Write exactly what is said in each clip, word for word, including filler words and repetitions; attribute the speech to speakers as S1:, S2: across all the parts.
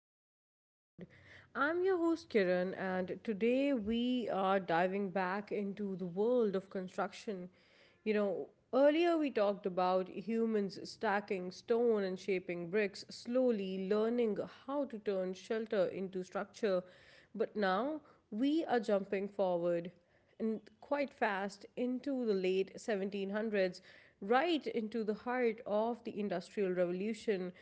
S1: Open Mind Pod. I'm your host Kiran, and today we are diving back into the world of construction. You know, earlier we talked about humans stacking stone and shaping bricks, slowly learning how to turn shelter into structure, but now we are jumping forward, and quite fast, into the late seventeen hundreds, right into the heart of the Industrial Revolution.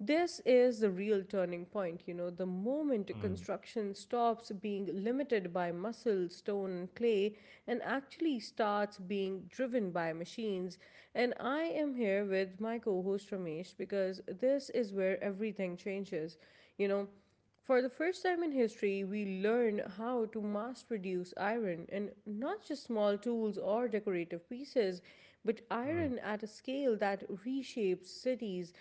S1: This is the real turning point, you know, the moment
S2: Mm,
S1: construction stops being limited by muscle, stone, and clay, and actually starts being driven by machines. And I am here with my co host Ramesh, because this is where everything changes. You know, for the first time in history, we learn how to mass produce iron, and not just small tools or decorative pieces, but iron
S2: mm,
S1: at a scale that reshapes cities.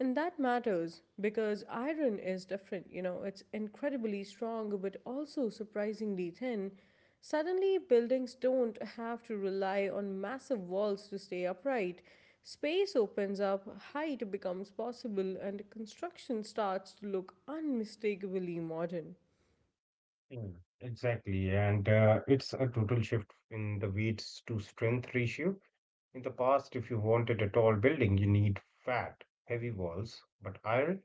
S1: And that matters because iron is different. You know, it's incredibly strong but also surprisingly thin. Suddenly, buildings don't have to rely on massive walls to stay upright. Space opens up, height becomes possible, and construction starts to look unmistakably modern.
S2: mm. Exactly. And uh, it's a total shift in the weights to strength ratio. In the past, if you wanted a tall building, you need fat, heavy walls. But iron,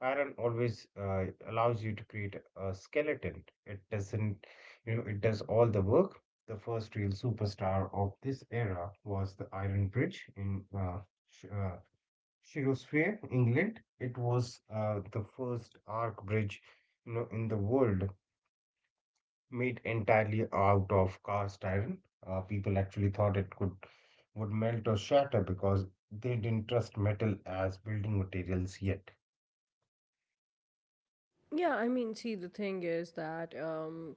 S2: iron always uh, allows you to create a skeleton. It doesn't, you know, it does all the work. The first real superstar of this era was the Iron Bridge in uh, Sh uh, Shropshire, England. It was uh, the first arc bridge, you know, in the world, made entirely out of cast iron. Uh, people actually thought it could would melt or shatter because they didn't trust metal as building materials yet.
S1: Yeah, I mean, see, the thing is that, um,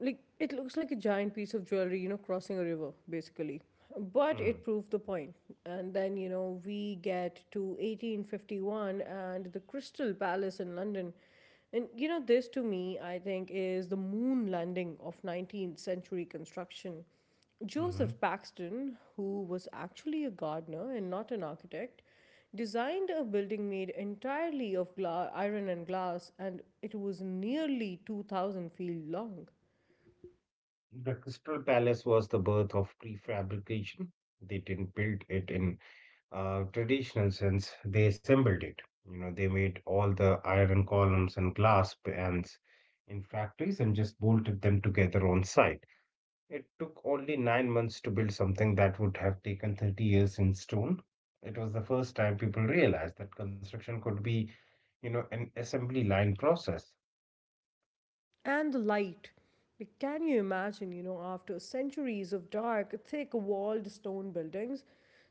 S1: like, it looks like a giant piece of jewelry, you know, crossing a river, basically. But
S2: Mm,
S1: it proved the point. And then, you know, we get to eighteen fifty-one and the Crystal Palace in London. And, you know, this to me, I think, is the moon landing of nineteenth century construction.
S2: mhm.
S1: Joseph Paxton, who was actually a gardener and not an architect, designed a building made entirely of gla- iron and glass, and it was nearly two thousand feet long.
S2: The Crystal Palace was the birth of prefabrication. They didn't build it in uh, traditional sense. They assembled it. You know, they made all the iron columns and glass pans in factories and just bolted them together on site. It took only nine months to build something that would have taken thirty years in stone. It was the first time people realized that construction could be, you know, an assembly line process.
S1: And the light. Like, can you imagine, you know, after centuries of dark, thick walled stone buildings,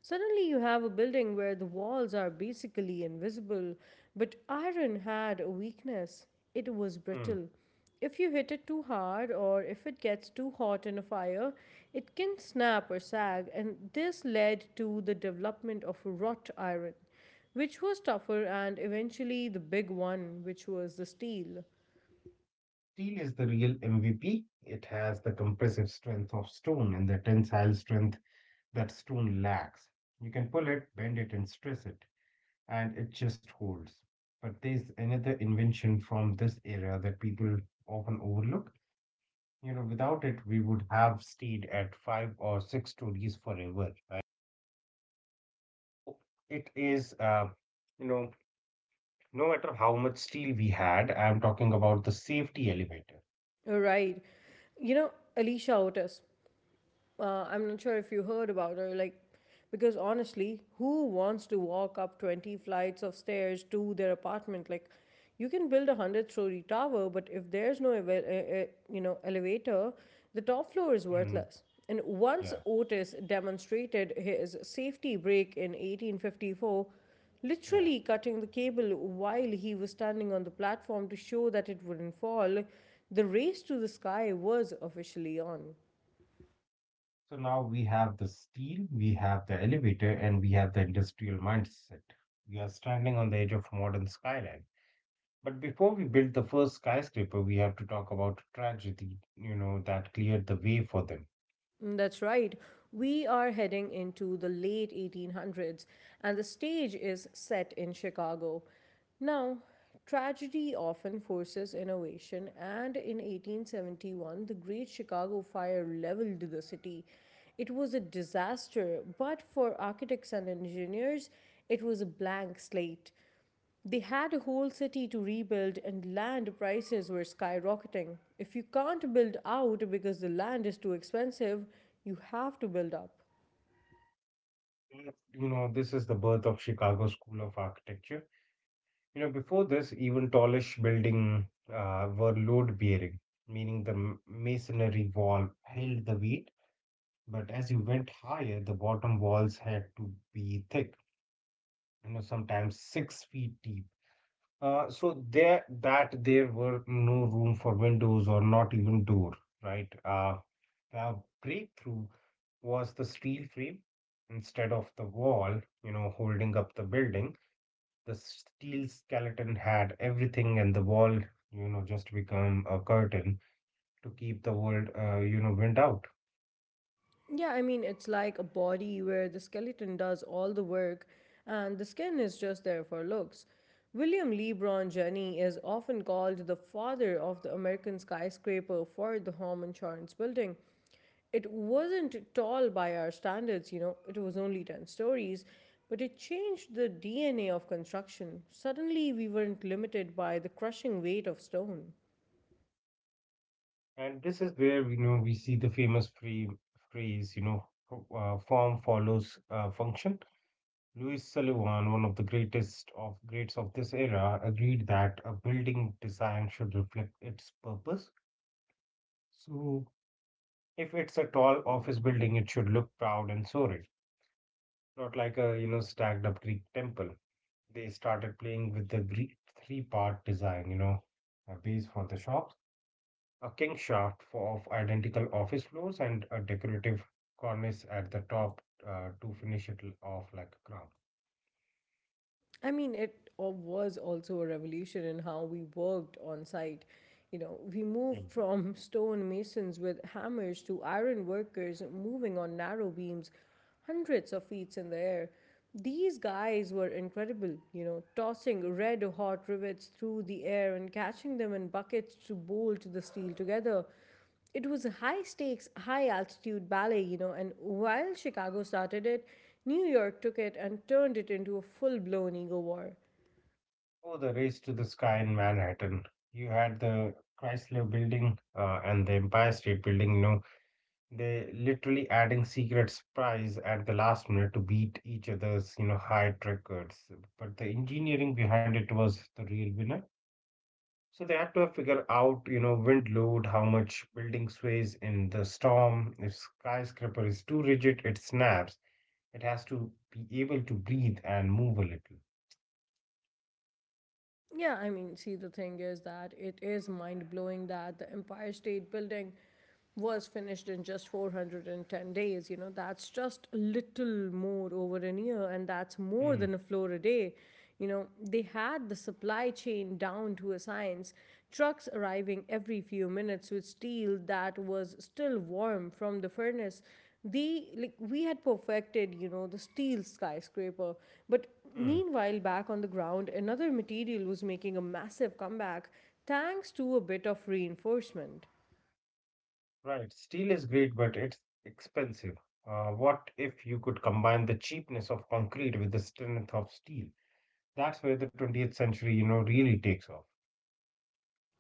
S1: suddenly you have a building where the walls are basically invisible? But iron had a weakness: it was
S2: Hmm.
S1: brittle. If you hit it too hard or if it gets too hot in a fire, it can snap or sag, and this led to the development of wrought iron, which was tougher, and eventually the big one, which was the steel.
S2: Steel is the real M V P. It has the compressive strength of stone and the tensile strength that stone lacks. You can pull it, bend it, and stress it, and it just holds. But there's another invention from this era that people often overlook. You know, without it, we would have stayed at five or six stories forever, right? So it is, uh, you know, No matter how much steel we had, I'm talking about the safety elevator.
S1: Right. You know, Alicia Otis, uh, I'm not sure if you heard about her, like, because honestly, who wants to walk up twenty flights of stairs to their apartment? Like, you can build a one hundred story tower, but if there's no, eva- uh, uh, you know, elevator, the top floor is
S2: Mm,
S1: worthless. And once
S2: yeah,
S1: Otis demonstrated his safety brake in eighteen fifty-four,
S2: yeah.
S1: literally cutting the cable while he was standing on the platform to show that it wouldn't fall, the race to the sky was officially on.
S2: So now we have the steel, we have the elevator, and we have the industrial mindset. We are standing on the edge of modern skyline. But before we build the first skyscraper, we have to talk about tragedy, you know, that cleared the way for them.
S1: Mm, that's right. We are heading into the late eighteen hundreds, and the stage is set in Chicago. Now, tragedy often forces innovation, and in eighteen seventy-one, the Great Chicago Fire leveled the city. It was a disaster, but for architects and engineers, it was a blank slate. They had a whole city to rebuild, and land prices were skyrocketing. If you can't build out because the land is too expensive, you have to build up.
S2: You know, this is the birth of Chicago School of Architecture. You know, before this, even tallish building uh, were load-bearing, meaning the m- masonry wall held the weight, but as you went higher, the bottom walls had to be thick, you know, sometimes six feet deep. Uh, so there, that there were no room for windows or not even door, right? Uh, the breakthrough was the steel frame instead of the wall, you know, holding up the building. The steel skeleton had everything, and the wall, you know, just become a curtain to keep the world, uh, you know, wind out.
S1: Yeah, I mean, it's like a body where the skeleton does all the work and the skin is just there for looks. William LeBron Jenney is often called the father of the American skyscraper for the Home Insurance Building. It wasn't tall by our standards, you know, it was only ten stories, but it changed the D N A of construction. Suddenly, we weren't limited by the crushing weight of stone.
S2: And this is where, you know, we see the famous free phrase, you know, f- uh, form follows uh, function. Louis Sullivan, one of the greatest of greats of this era, agreed that a building design should reflect its purpose. So, if it's a tall office building, it should look proud and soaring, not like a you know stacked up Greek temple. They started playing with the three part design, you know, a base for the shops, a king shaft for, of identical office floors, and a decorative cornice at the top, uh, to finish it l- off like a crown.
S1: I mean, it uh, was also a revolution in how we worked on site. You know, we moved
S2: Yep.
S1: from stone masons with hammers to iron workers moving on narrow beams hundreds of feet in the air. These guys were incredible, you know, tossing red hot rivets through the air and catching them in buckets to bolt the steel together. It was a high stakes, high altitude ballet, you know, and while Chicago started it, New York took it and turned it into a full blown ego war.
S2: Oh, the race to the sky in Manhattan. You had the Chrysler building uh, and the Empire State building, you know, they literally adding secret surprise at the last minute to beat each other's, you know, height records. But the engineering behind it was the real winner. So they had to have figured out, you know, wind load, how much building sways in the storm. If skyscraper is too rigid, it snaps. It has to be able to breathe and move a little.
S1: Yeah, I mean, see, the thing is that it is mind blowing that the Empire State Building was finished in just four hundred ten days. You know, that's just a little more over an year, and that's more
S2: Hmm.
S1: than a floor a day. You know, they had the supply chain down to a science, trucks arriving every few minutes with steel that was still warm from the furnace. The like we had perfected you know the steel skyscraper. But
S2: Hmm.
S1: meanwhile, back on the ground, another material was making a massive comeback, thanks to a bit of reinforcement.
S2: Right. Steel is great, but it's expensive. Uh, what if you could combine the cheapness of concrete with the strength of steel? That's where the twentieth century, you know, really takes off.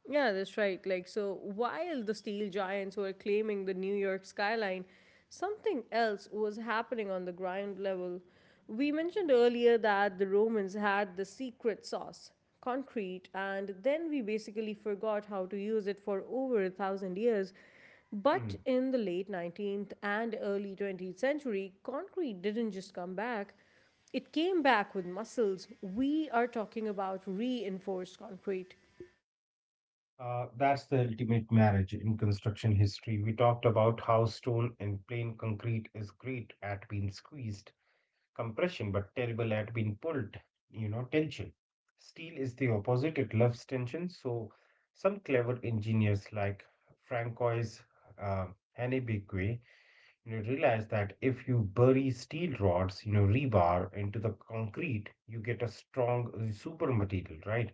S1: Yeah, that's right. Like, so while the steel giants were claiming the New York skyline, something else was happening on the ground level. We mentioned earlier that the Romans had the secret sauce, concrete, and then we basically forgot how to use it for over a thousand years. But
S2: Hmm.
S1: in the late nineteenth and early twentieth century, concrete didn't just come back, it came back with muscles. We are talking about reinforced concrete.
S2: Uh, that's the ultimate marriage in construction history. We talked about how stone and plain concrete is great at being squeezed, compression, but terrible at being pulled, you know, tension. Steel is the opposite, it loves tension. So, some clever engineers like Francois uh, Hanebekwe, you know, realized that if you bury steel rods, you know, rebar into the concrete, you get a strong uh, super material, right?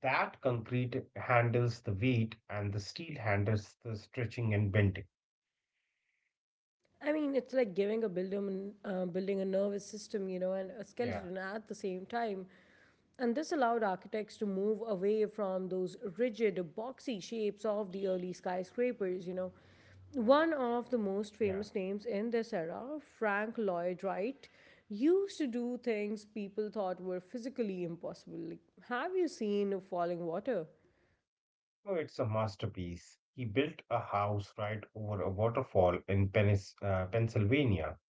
S2: That concrete handles the weight and the steel handles the stretching and bending.
S1: I mean, it's like giving a building, uh, building a nervous system, you know, and a
S2: Yeah,
S1: skeleton at the same time. And this allowed architects to move away from those rigid, boxy shapes of the early skyscrapers, you know. One of the most
S2: yeah.
S1: famous names in this era, Frank Lloyd Wright, used to do things people thought were physically impossible. Like, have you seen Falling Water?
S2: Oh, it's a masterpiece. He built a house right over a waterfall in Penis, uh, Pennsylvania.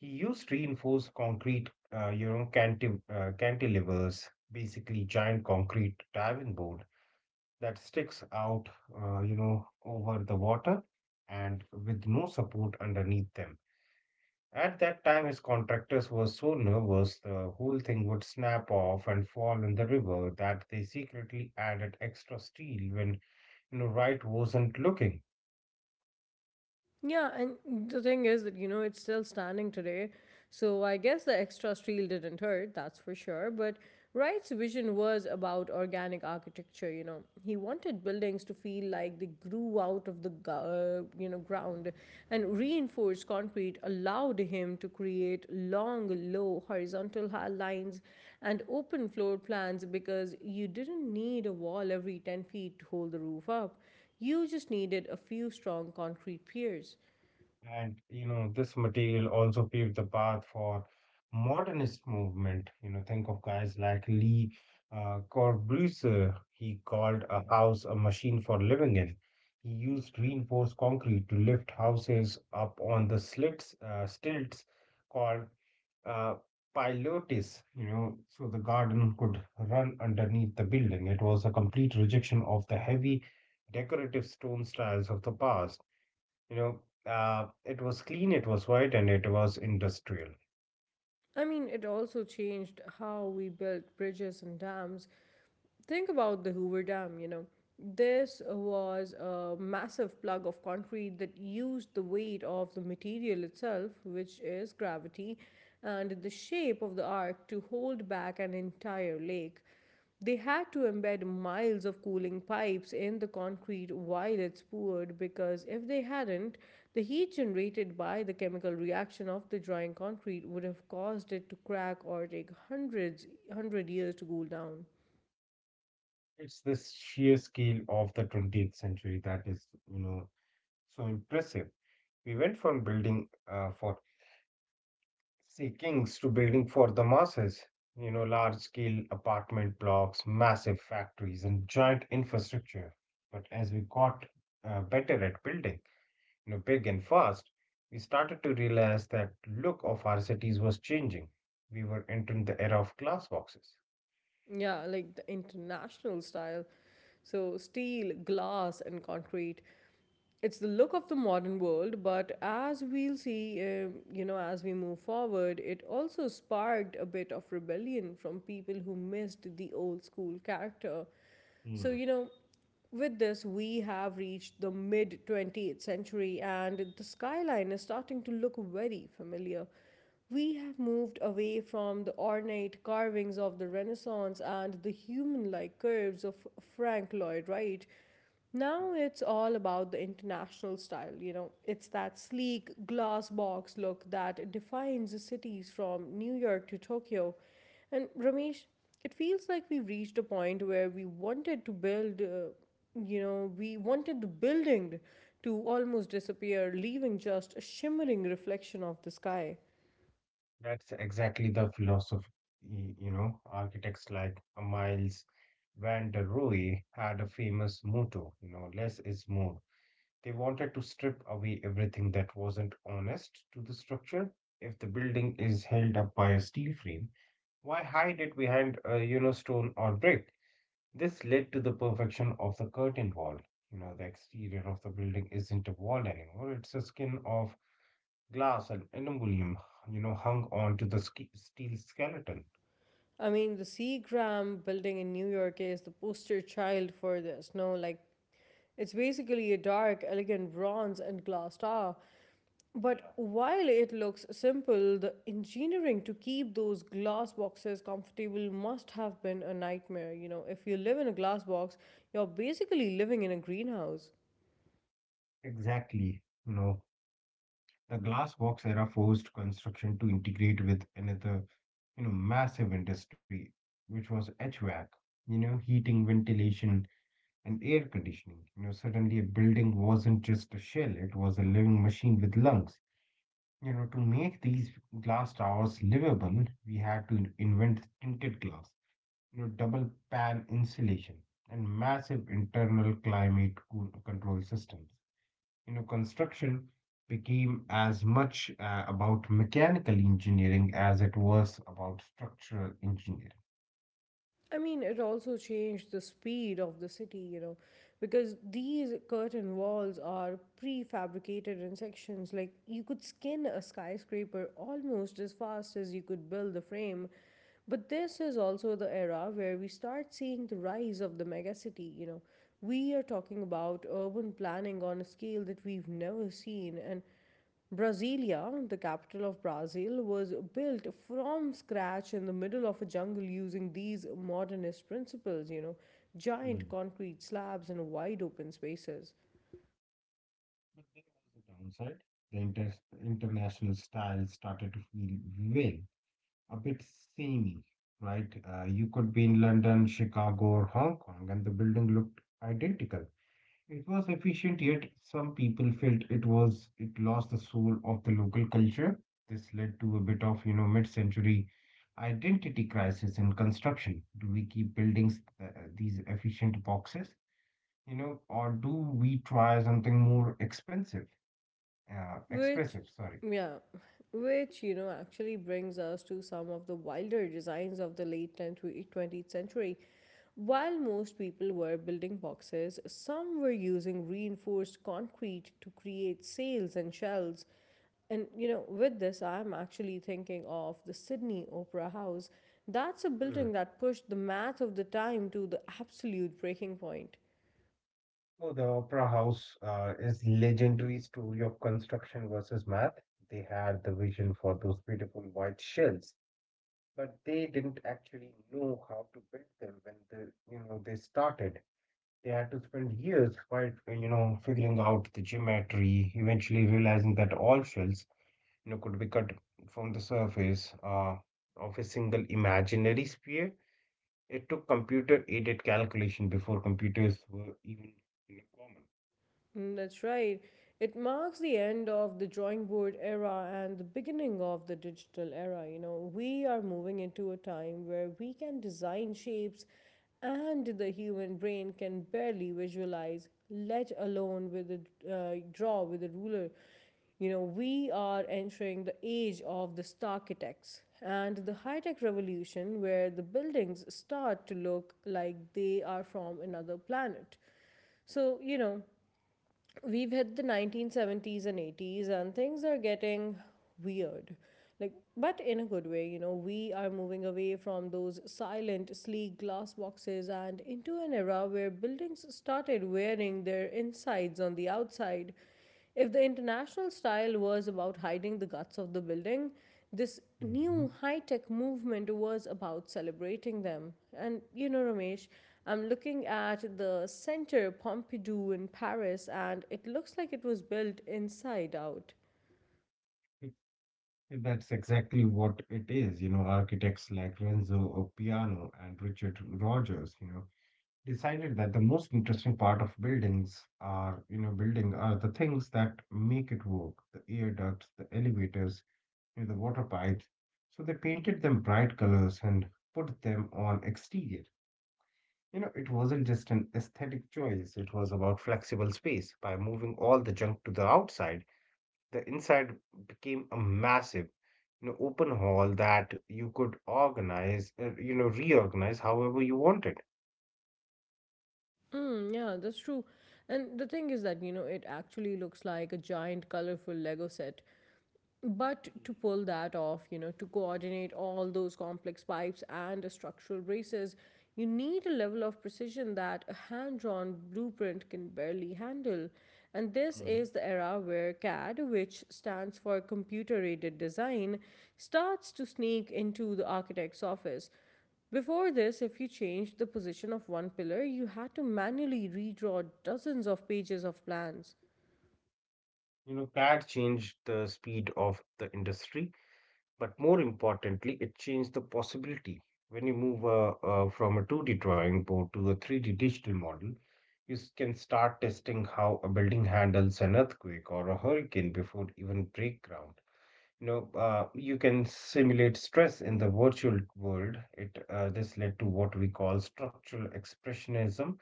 S2: He used reinforced concrete, uh, you know, canti- uh, cantilevers, basically giant concrete diving board that sticks out, uh, you know, over the water and with no support underneath them. At that time, his contractors were so nervous the whole thing would snap off and fall in the river that they secretly added extra steel when, you know, Wright wasn't looking.
S1: Yeah, and the thing is that, you know, it's still standing today. So I guess the extra steel didn't hurt, that's for sure. But Wright's vision was about organic architecture, you know. He wanted buildings to feel like they grew out of the, gu- uh, you know, ground. And reinforced concrete allowed him to create long, low, horizontal ha- lines and open floor plans, because you didn't need a wall every ten feet to hold the roof up. You just needed a few strong concrete piers.
S2: And you know this material also paved the path for modernist movement. You know, think of guys like Lee uh, Corbusier. He called a house a machine for living in. He used reinforced concrete to lift houses up on the slits, uh, stilts called uh, pilates, you know, so the garden could run underneath the building. It was a complete rejection of the heavy decorative stone styles of the past. You know, uh, it was clean, it was white, and it was industrial.
S1: I mean, it also changed how we built bridges and dams. Think about the Hoover Dam, you know. This was a massive plug of concrete that used the weight of the material itself, which is gravity, and the shape of the arc to hold back an entire lake. They had to embed miles of cooling pipes in the concrete while it's poured, because if they hadn't, the heat generated by the chemical reaction of the drying concrete would have caused it to crack, or take hundreds, hundred years to cool down.
S2: It's this sheer scale of the twentieth century that is, you know, so impressive. We went from building uh, for Seekings to building for the masses, you know, large scale apartment blocks, massive factories, and giant infrastructure. But as we got uh, better at building, you know, big and fast, we started to realize that look of our cities was changing. We were entering the era of glass boxes.
S1: Yeah, like the international style. So, steel, glass, and concrete. It's the look of the modern world, but as we'll see, um, you know, as we move forward, it also sparked a bit of rebellion from people who missed the old school character. So,
S2: Hmm.
S1: you know, with this, we have reached the mid twentieth century, and the skyline is starting to look very familiar. We have moved away from the ornate carvings of the Renaissance and the human like curves of Frank Lloyd Wright. Now it's all about the international style, you know. It's that sleek glass box look that defines cities from New York to Tokyo. And Ramesh, it feels like we've reached a point where we wanted to build, uh, you know, we wanted the building to almost disappear, leaving just a shimmering reflection of the sky.
S2: That's exactly the philosophy, you know, architects like Miles van der Rohe had a famous motto, you know, less is more. They wanted to strip away everything that wasn't honest to the structure. If the building is held up by a steel frame, why hide it behind a you know stone or brick? This led to the perfection of the curtain wall. You know, the exterior of the building isn't a wall anymore. It's a skin of glass and aluminum, you know, hung onto the ske- steel skeleton.
S1: I mean, the C. Graham Building in New York is the poster child for this. No, like, it's basically a dark, elegant bronze and glass tower. But
S2: Yeah.
S1: while it looks simple, the engineering to keep those glass boxes comfortable must have been a nightmare. You know, if you live in a glass box, you're basically living in a greenhouse.
S2: Exactly. You know, the glass box era forced construction to integrate with another, you know, massive industry, which was H V A C, you know, heating, ventilation, and air conditioning. You know, suddenly a building wasn't just a shell, it was a living machine with lungs. You know, to make these glass towers livable, we had to invent tinted glass, you know, double pan insulation, and massive internal climate co- control systems. You know, construction became as much uh, about mechanical engineering as it was about structural engineering.
S1: I mean, it also changed the speed of the city, you know, because these curtain walls are prefabricated in sections. Like, you could skin a skyscraper almost as fast as you could build the frame. But this is also the era where we start seeing the rise of the megacity, you know. We are talking about urban planning on a scale that we've never seen, and Brasilia, the capital of Brazil, was built from scratch in the middle of a jungle using these modernist principles, you know, giant
S2: Mm.
S1: concrete slabs and wide open spaces.
S2: But there was a downside. The inter- international style started to feel, well, a bit samey, right? Uh, you could be in London, Chicago, or Hong Kong, and the building looked identical. It was efficient, yet some people felt it was it lost the soul of the local culture. This led to a bit of, you know, mid-century identity crisis in construction. Do we keep buildings uh, these efficient boxes, you know, or do we try something more expensive, uh,
S1: Which,
S2: expressive, sorry.
S1: yeah, which, you know, actually brings us to some of the wilder designs of the late tenth, to twentieth century. While most people were building boxes, some were using reinforced concrete to create sails and shells. And, you know, with this, I'm actually thinking of the Sydney Opera House. That's a
S2: Hmm.
S1: building that pushed the math of the time to the absolute breaking point.
S2: Oh, the Opera House uh, is legendary story of construction versus math. They had the vision for those beautiful white shells but they didn't actually know how to build them when the you know they started. They had to spend years quite uh, you know figuring out the geometry, eventually realizing that all shells you know could be cut from the surface uh, of a single imaginary sphere. It took computer aided calculation before computers were even, you know, common.
S1: Mm, that's right. It marks the end of the drawing board era and the beginning of the digital era. You know, we are moving into a time where we can design shapes, and the human brain can barely visualize, let alone with a uh, draw with a ruler. You know, we are entering the age of the star architects and the high tech revolution, where the buildings start to look like they are from another planet. So, you know, we've hit the nineteen seventies and eighties and things are getting weird, like, but in a good way. You know, we are moving away from those silent sleek glass boxes and into an era where buildings started wearing their insides on the outside. If the international style was about hiding the guts of the building, this
S2: Mhm.
S1: new high tech movement was about celebrating them. And you know, Ramesh, I'm looking at the Centre Pompidou in Paris, and it looks like it was built inside out.
S2: It- it- That's exactly what it is. You know, architects like Renzo Piano and Richard Rogers, you know, decided that the most interesting part of buildings are, you know, building are the things that make it work, the air ducts, the elevators, you know, the water pipes. So they painted them bright colors and put them on exterior. You know, it wasn't just an aesthetic choice, it was about flexible space. By moving all the junk to the outside, the inside became a massive, you know, open hall that you could organize, uh, you know, reorganize however you wanted.
S1: Mm, yeah, that's true. And the thing is that, you know, it actually looks like a giant colorful Lego set. But to pull that off, you know, to coordinate all those complex pipes and structural braces, you need a level of precision that a hand drawn blueprint can barely handle. And this is the era where CAD, which stands for computer aided design, starts to sneak into the architect's office. Before this, if you changed the position of one pillar, you had to manually redraw dozens of pages of plans.
S2: You know, CAD changed the speed of the industry, but more importantly, it changed the possibility. When you move uh, uh, from a two D drawing board to a three D digital model, you s- can start testing how a building handles an earthquake or a hurricane before even break ground. You know, uh, you can simulate stress in the virtual world. It uh, This led to what we call structural expressionism.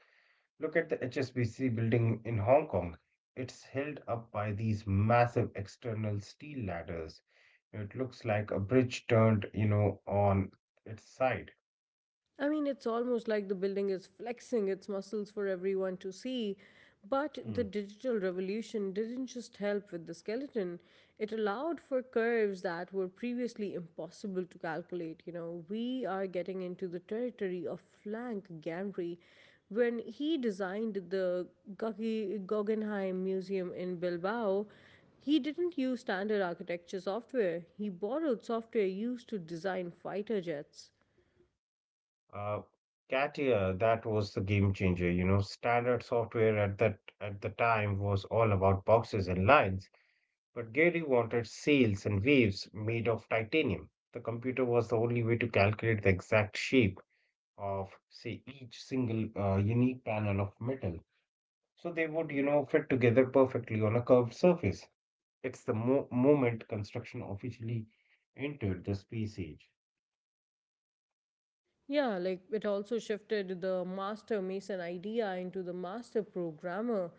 S2: Look at the H S B C building in Hong Kong. It's held up by these massive external steel ladders. It looks like a bridge turned, you know, on its side.
S1: I mean, it's almost like the building is flexing its muscles for everyone to see. But the
S2: Hmm.
S1: digital revolution didn't just help with the skeleton, it allowed for curves that were previously impossible to calculate. You know, we are getting into the territory of Frank Gehry. When he designed the Gugge- Guggenheim Museum in Bilbao, he didn't use standard architecture software. He borrowed software used to design fighter jets.
S2: Uh, Katia, that was the game changer. You know, standard software at that at the time was all about boxes and lines, but Gary wanted sails and waves made of titanium. The computer was the only way to calculate the exact shape of, say, each single uh, unique panel of metal. So they would, you know, fit together perfectly on a curved surface. It's the mo moment construction officially entered the space age.
S1: Yeah, like it also shifted the master mason idea into the master programmer.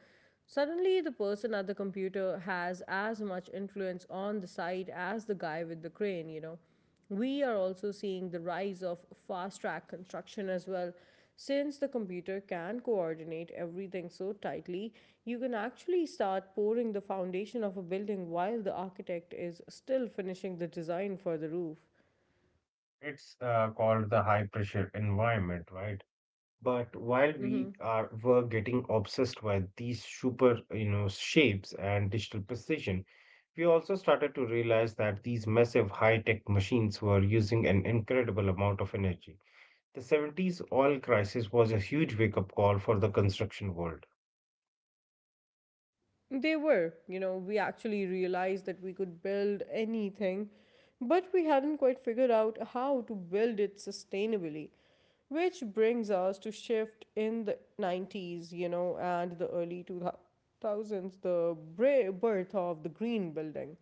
S1: Suddenly, the person at the computer has as much influence on the site as the guy with the crane, you know. We are also seeing the rise of fast track construction as well. Since the computer can coordinate everything so tightly, you can actually start pouring the foundation of a building while the architect is still finishing the design for the roof.
S2: It's uh, called the high pressure environment, right? But while we are were getting obsessed by these super, you know, shapes and digital precision, we also started to realize that these massive high-tech machines were using an incredible amount of energy. The seventies oil crisis was a huge wake-up call for the construction world.
S1: They were, you know, we actually realized that we could build anything, but we hadn't quite figured out how to build it sustainably. Which brings us to shift in the nineties, you know, and the early two thousands, the bra- birth of the green building.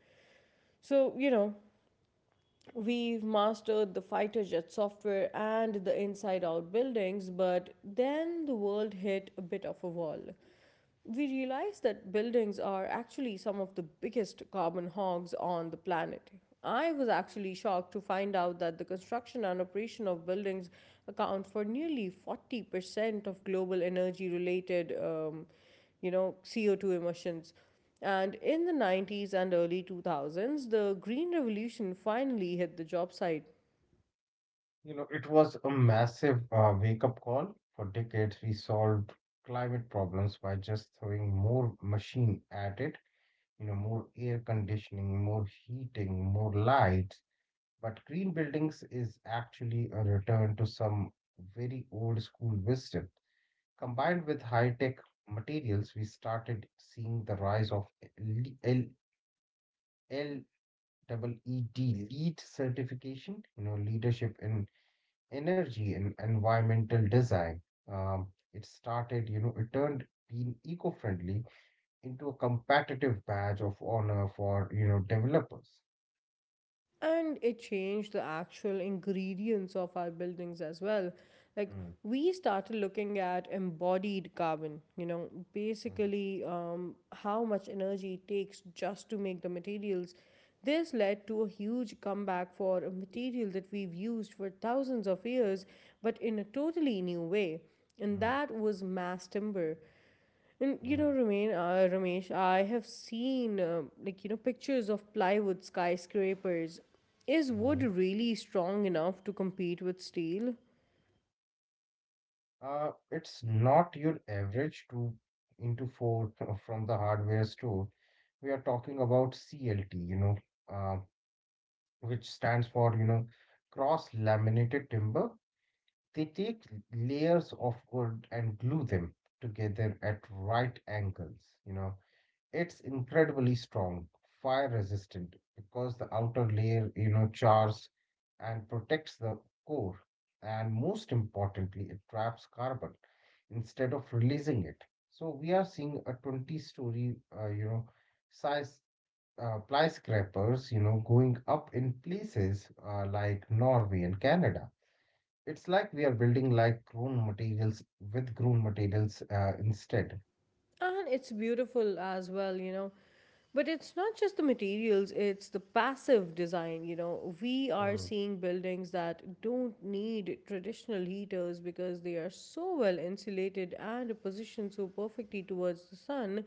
S1: So, you know, we've mastered the fighter jet software and the inside out buildings, but then the world hit a bit of a wall. We realized that buildings are actually some of the biggest carbon hogs on the planet. I was actually shocked to find out that the construction and operation of buildings account for nearly forty percent of global energy related um, you know, C O two emissions, and in the nineties and early two thousands, the Green Revolution finally hit the job site.
S2: You know, it was a massive uh, wake-up call. For decades, we solved climate problems by just throwing more machine at it, you know, more air conditioning, more heating, more lights. But green buildings is actually a return to some very old school wisdom. Combined with high-tech materials, we started seeing the rise of L L- L E E D, LEED lead certification, you know, leadership in energy and environmental design. Um, it started, you know, it turned being eco-friendly into a competitive badge of honor for, you know, developers.
S1: And it changed the actual ingredients of our buildings as well. Like,
S2: Mm,
S1: we started looking at embodied carbon, you know,
S2: mm,
S1: basically um, how much energy it takes just to make the materials. This led to a huge comeback for a material that we've used for thousands of years, but in a totally new way. And
S2: mm,
S1: that was mass timber. And you
S2: mm,
S1: know, Ramesh, uh, Ramesh, I have seen um like, you know, pictures of plywood skyscrapers. Is wood
S2: mhm.
S1: really strong enough to compete with steel?
S2: Uh, it's not your average two into four from the hardware store. We are talking about C L T, you know, uh, which stands for, you know, cross-laminated timber. They take layers of wood and glue them together at right angles. You know, it's incredibly strong, fire resistant because the outer layer, you know, chars and protects the core. And most importantly, it traps carbon instead of releasing it. So we are seeing a twenty story, uh, you know, size uh, skyscrapers, you know, going up in places uh, like Norway and Canada. It's like we are building like grown materials with grown materials uh, instead.
S1: And it's beautiful as well, you know. But it's not just the materials, it's the passive design, you know. We are
S2: Mm,
S1: seeing buildings that don't need traditional heaters because they are so well insulated and positioned so perfectly towards the sun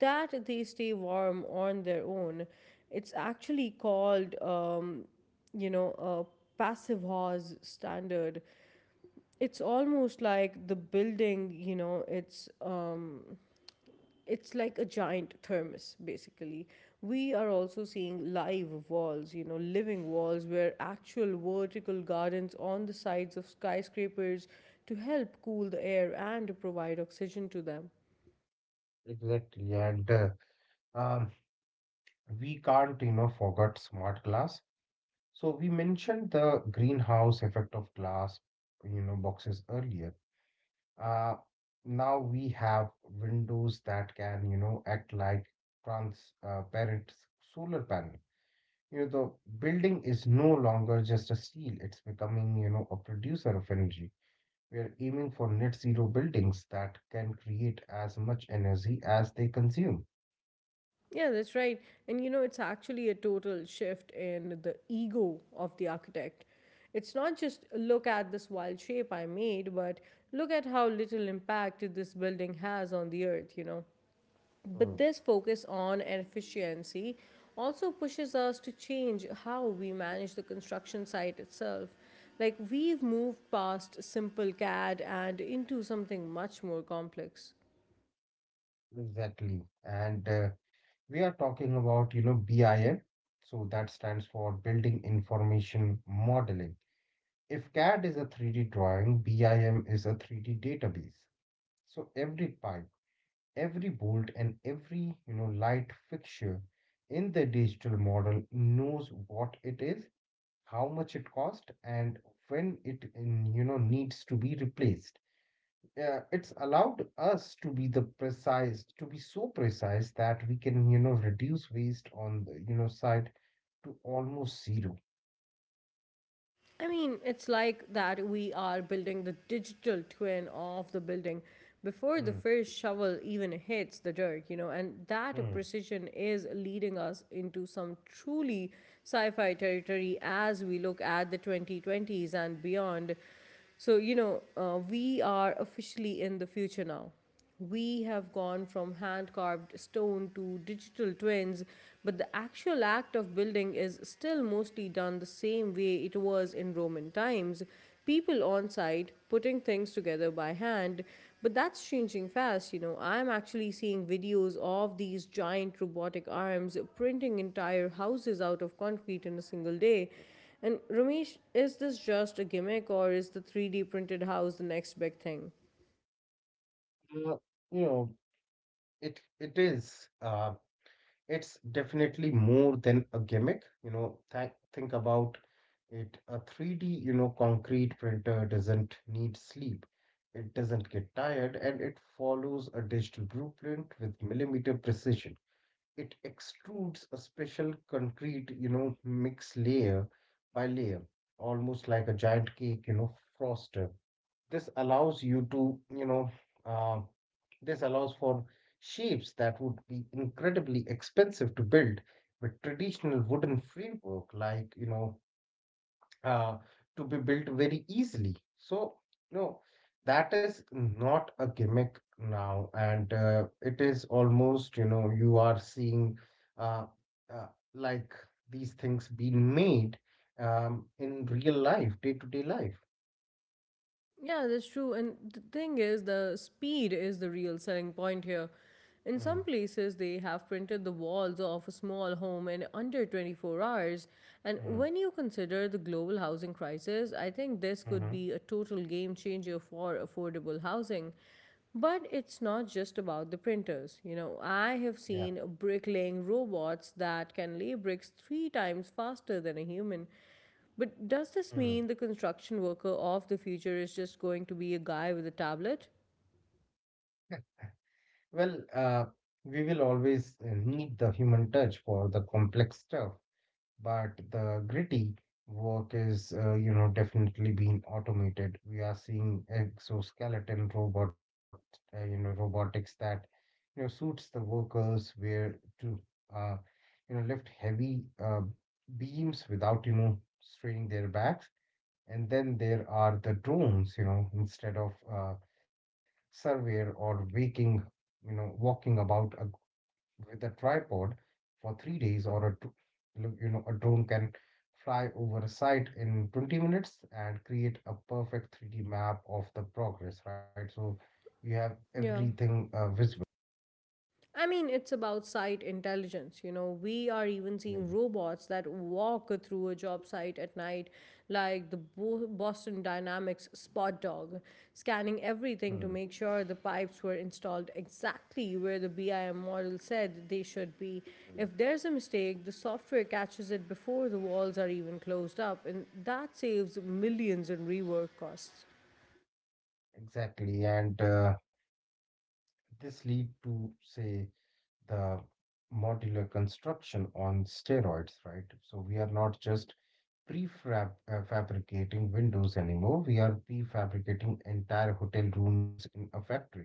S1: that they stay warm on their own. It's actually called, um, you know, a passive house standard. It's almost like the building, you know, it's. Um, it's like a giant thermos. Basically, we are also seeing live walls, you know, living walls, where actual vertical gardens on the sides of skyscrapers to help cool the air and to provide oxygen to them.
S2: exactly. And uh, um, we can't, you know, forget smart glass. So we mentioned the greenhouse effect of glass, you know, boxes earlier. Uh, Now we have windows that can, you know, act like transparent solar panel. You know, the building is no longer just a steel, it's becoming, you know, a producer of energy. We are aiming for net zero buildings that can create as much energy as they consume.
S1: Yeah, that's right. And you know, it's actually a total shift in the ego of the architect. It's not just look at this wild shape I made, but look at how little impact this building has on the earth, you know. But
S2: Mm.
S1: this focus on efficiency also pushes us to change how we manage the construction site itself. Like, we've moved past simple CAD and into something much more complex.
S2: Exactly. And uh, We are talking about, you know, BIM. So that stands for Building Information Modeling. If CAD is a three D drawing, BIM is a three D database. So every pipe, every bolt, and every, you know, light fixture in the digital model knows what it is, how much it cost, and when it in, you know, needs to be replaced. Uh, it's allowed us to be the precise to be so precise that we can, you know, reduce waste on the, you know, side to almost zero.
S1: I mean, it's like that we are building the digital twin of the building before the
S2: Hmm,
S1: first shovel even hits the dirt, you know, and that
S2: hmm.
S1: precision is leading us into some truly sci fi territory as we look at the twenty twenties and beyond. So, you know, uh, we are officially in the future now. We have gone from hand carved stone to digital twins, but the actual act of building is still mostly done the same way it was in Roman times, people on site putting things together by hand. But that's changing fast. You know, I'm actually seeing videos of these giant robotic arms printing entire houses out of concrete in a single day. And Ramesh, is this just a gimmick or is the three D printed house the next big thing?
S2: Uh, you know it it is uh, It's definitely more than a gimmick. You know, th- think about it. A three D, you know, concrete printer doesn't need sleep. It doesn't get tired and it follows a digital blueprint with millimeter precision. It extrudes a special concrete, you know, mix layer by layer, almost like a giant cake, you know, froster. This allows you to you know uh, this allows for shapes that would be incredibly expensive to build with traditional wooden framework, like, you know uh, to be built very easily. So no, that is not a gimmick now, and uh, it is almost, you know, you are seeing, uh, uh, like, these things being made um, in real life, day to day life.
S1: Yeah, that's true. And the thing is, the speed is the real selling point here. In
S2: mm,
S1: some places, they have printed the walls of a small home in under twenty-four hours.
S2: mm,
S1: And
S2: hmm
S1: when you consider the global housing crisis, I think this
S2: mm-hmm,
S1: could be a total game changer for affordable housing. But it's not just about the printers. You know, I have
S2: yeah.
S1: seen bricklaying robots that can lay bricks three times faster than a human. But does this
S2: Mm.
S1: mean the construction worker of the future is just going to be a guy with a tablet?
S2: Well, uh, we will always uh, need the human touch for the complex stuff, but the gritty work is, uh, you know, definitely being automated. We are seeing exoskeleton robot, uh, you know, robotics that, you know, suits the workers where to, uh, you know, lift heavy uh, beams without, you know, straining their backs. And then there are the drones, you know, instead of uh, surveyor or waking, you know, walking about a, with a tripod for three days, or a, dr- look, you know, a drone can fly over a site in twenty minutes and create a perfect three D map of the progress, right? So you have
S1: Yeah.
S2: everything uh, visible.
S1: I mean, it's about site intelligence. You know, we are even
S2: Mm,
S1: seeing robots that walk through a job site at night, like the Bo- Boston Dynamics Spot Dog, scanning everything to
S2: mm,
S1: make sure the pipes were installed exactly where the BIM model said they should be.
S2: mm.
S1: If there's a mistake, the software catches it before the walls are even closed up, and that saves millions in rework costs.
S2: Exactly, and uh, this lead to say the modular construction on steroids, right? So we are not just prefab uh, fabricating windows anymore. We are prefabricating entire hotel rooms in a factory,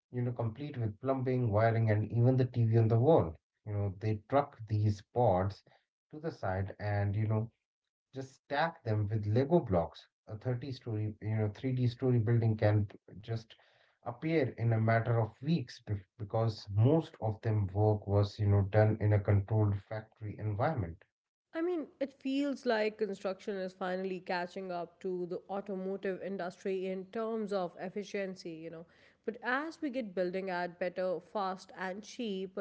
S2: you know, complete with plumbing, wiring, and even the T V on the wall. You know, they truck these pods to the side and, you know, just stack them with Lego blocks. A thirty story, you know, three D story building can just appear in a matter of weeks bef- because most of them work was, you know, done in a controlled factory environment.
S1: I mean, it feels like construction is finally catching up to the automotive industry in terms of efficiency, you know. But as we get building at better, fast, and cheap,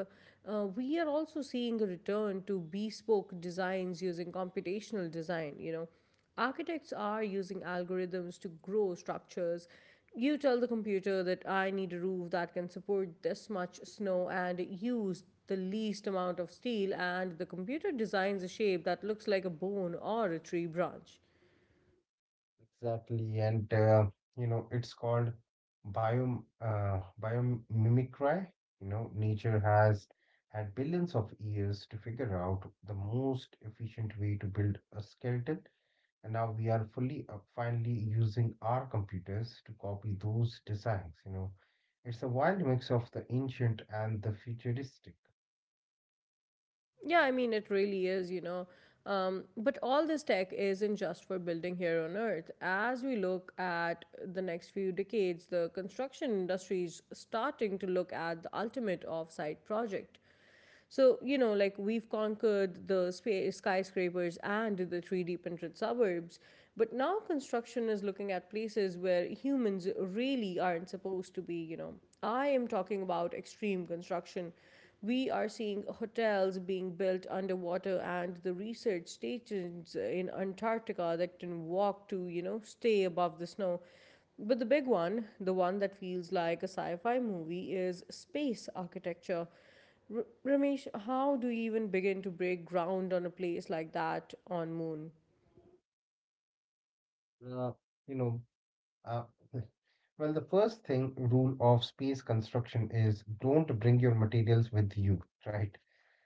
S1: uh, we are also seeing a return to bespoke designs using computational design, you know. Architects are using algorithms to grow structures. You tell the computer that I need a roof that can support this much snow and use the least amount of steel, and the computer designs a shape that looks like a bone or a tree branch.
S2: Exactly, and uh, you know, it's called bio uh, biomimicry. You know, nature has had billions of years to figure out the most efficient way to build a skeleton, and now we are fully uh, finally using our computers to copy those designs. You know, it's a wild mix of the ancient and the futuristic.
S1: Yeah, I mean, it really is, you know. Um, but all this tech isn't just for building here on Earth. As we look at the next few decades, the construction industry is starting to look at the ultimate off-site project. So, you know, like we've conquered the spa- skyscrapers and the three D printed suburbs, but now construction is looking at places where humans really aren't supposed to be, you know. I am talking about extreme construction. We are seeing hotels being built underwater, and the research stations in Antarctica that can walk to, you know, stay above the snow. But the big one, the one that feels like a sci fi movie, is space architecture. R- Ramesh, how do you even begin to break ground on a place like that on moon?
S2: Uh, you know, uh, Well, the first thing rule of space construction is don't bring your materials with you, right?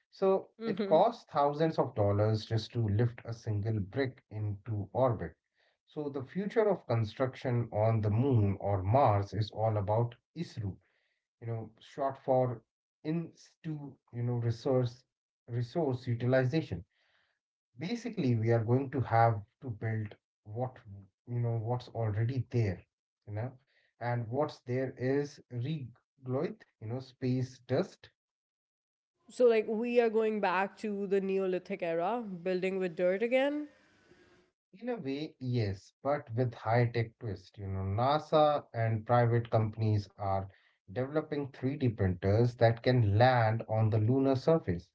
S2: So it costs thousands of dollars just to lift a single brick into orbit. So the future of construction on the moon or Mars is all about ISRO, you know, short for in to you know resource resource utilization. Basically, we are going to have to build what, you know, what's already there, you know, and what's there is regloith, you know, space dust.
S1: So like we are going back to the Neolithic era, building with dirt again.
S2: In a way, yes, but with high-tech twist, you know, NASA and private companies are developing three D printers that can land on the lunar surface,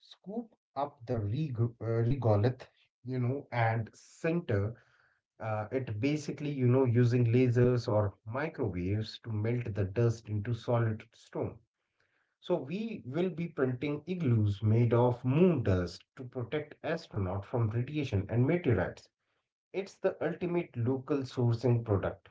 S2: scoop up the reg- uh, regolith, you know, and center. Uh, it basically, you know, using lasers or microwaves to melt the dust into solid stone. So we will be printing igloos made of moon dust to protect astronauts from radiation and meteorites. It's the ultimate local sourcing product.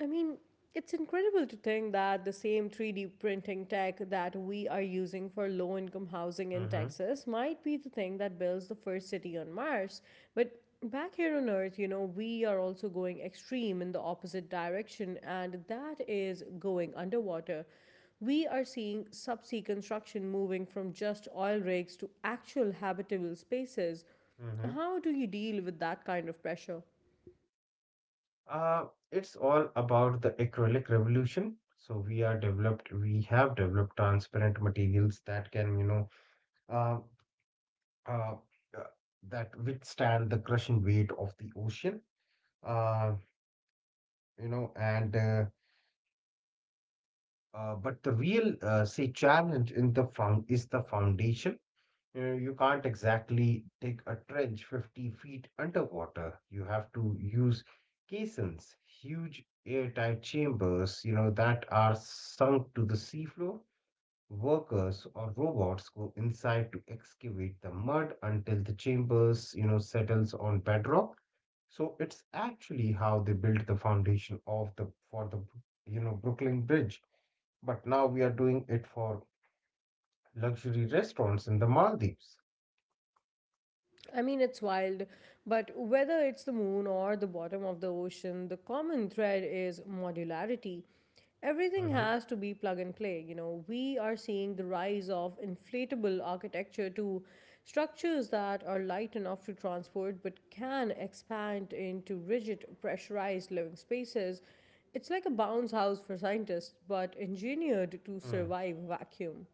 S1: I mean, it's incredible to think that the same three D printing tech that we are using for low income housing in
S2: hmm
S1: Texas might be the thing that builds the first city on Mars. But back here on Earth, you know, we are also going extreme in the opposite direction, and that is going underwater. We are seeing subsea construction moving from just oil rigs to actual habitable spaces.
S2: hmm
S1: How do you deal with that kind of pressure?
S2: Uh, it's all about the acrylic revolution. So we are developed, we have developed transparent materials that can, you know, uh, uh, uh, that withstand the crushing weight of the ocean. Uh, you know, and uh, uh, but the real uh, say challenge in the found is the foundation. You know, you can't exactly dig a trench fifty feet underwater. You have to use caissons, huge airtight chambers, you know, that are sunk to the seafloor. Workers or robots go inside to excavate the mud until the chambers, you know, settles on bedrock. So it's actually how they built the foundation of the for the, you know, Brooklyn Bridge. But now we are doing it for luxury restaurants in the Maldives.
S1: I mean, it's wild, but whether it's the moon or the bottom of the ocean, the common thread is modularity. Everything
S2: Mhm.
S1: has to be plug and play. You know, we are seeing the rise of inflatable architecture to structures that are light enough to transport but can expand into rigid, pressurized living spaces. It's like a bounce house for scientists, but engineered to survive vacuum.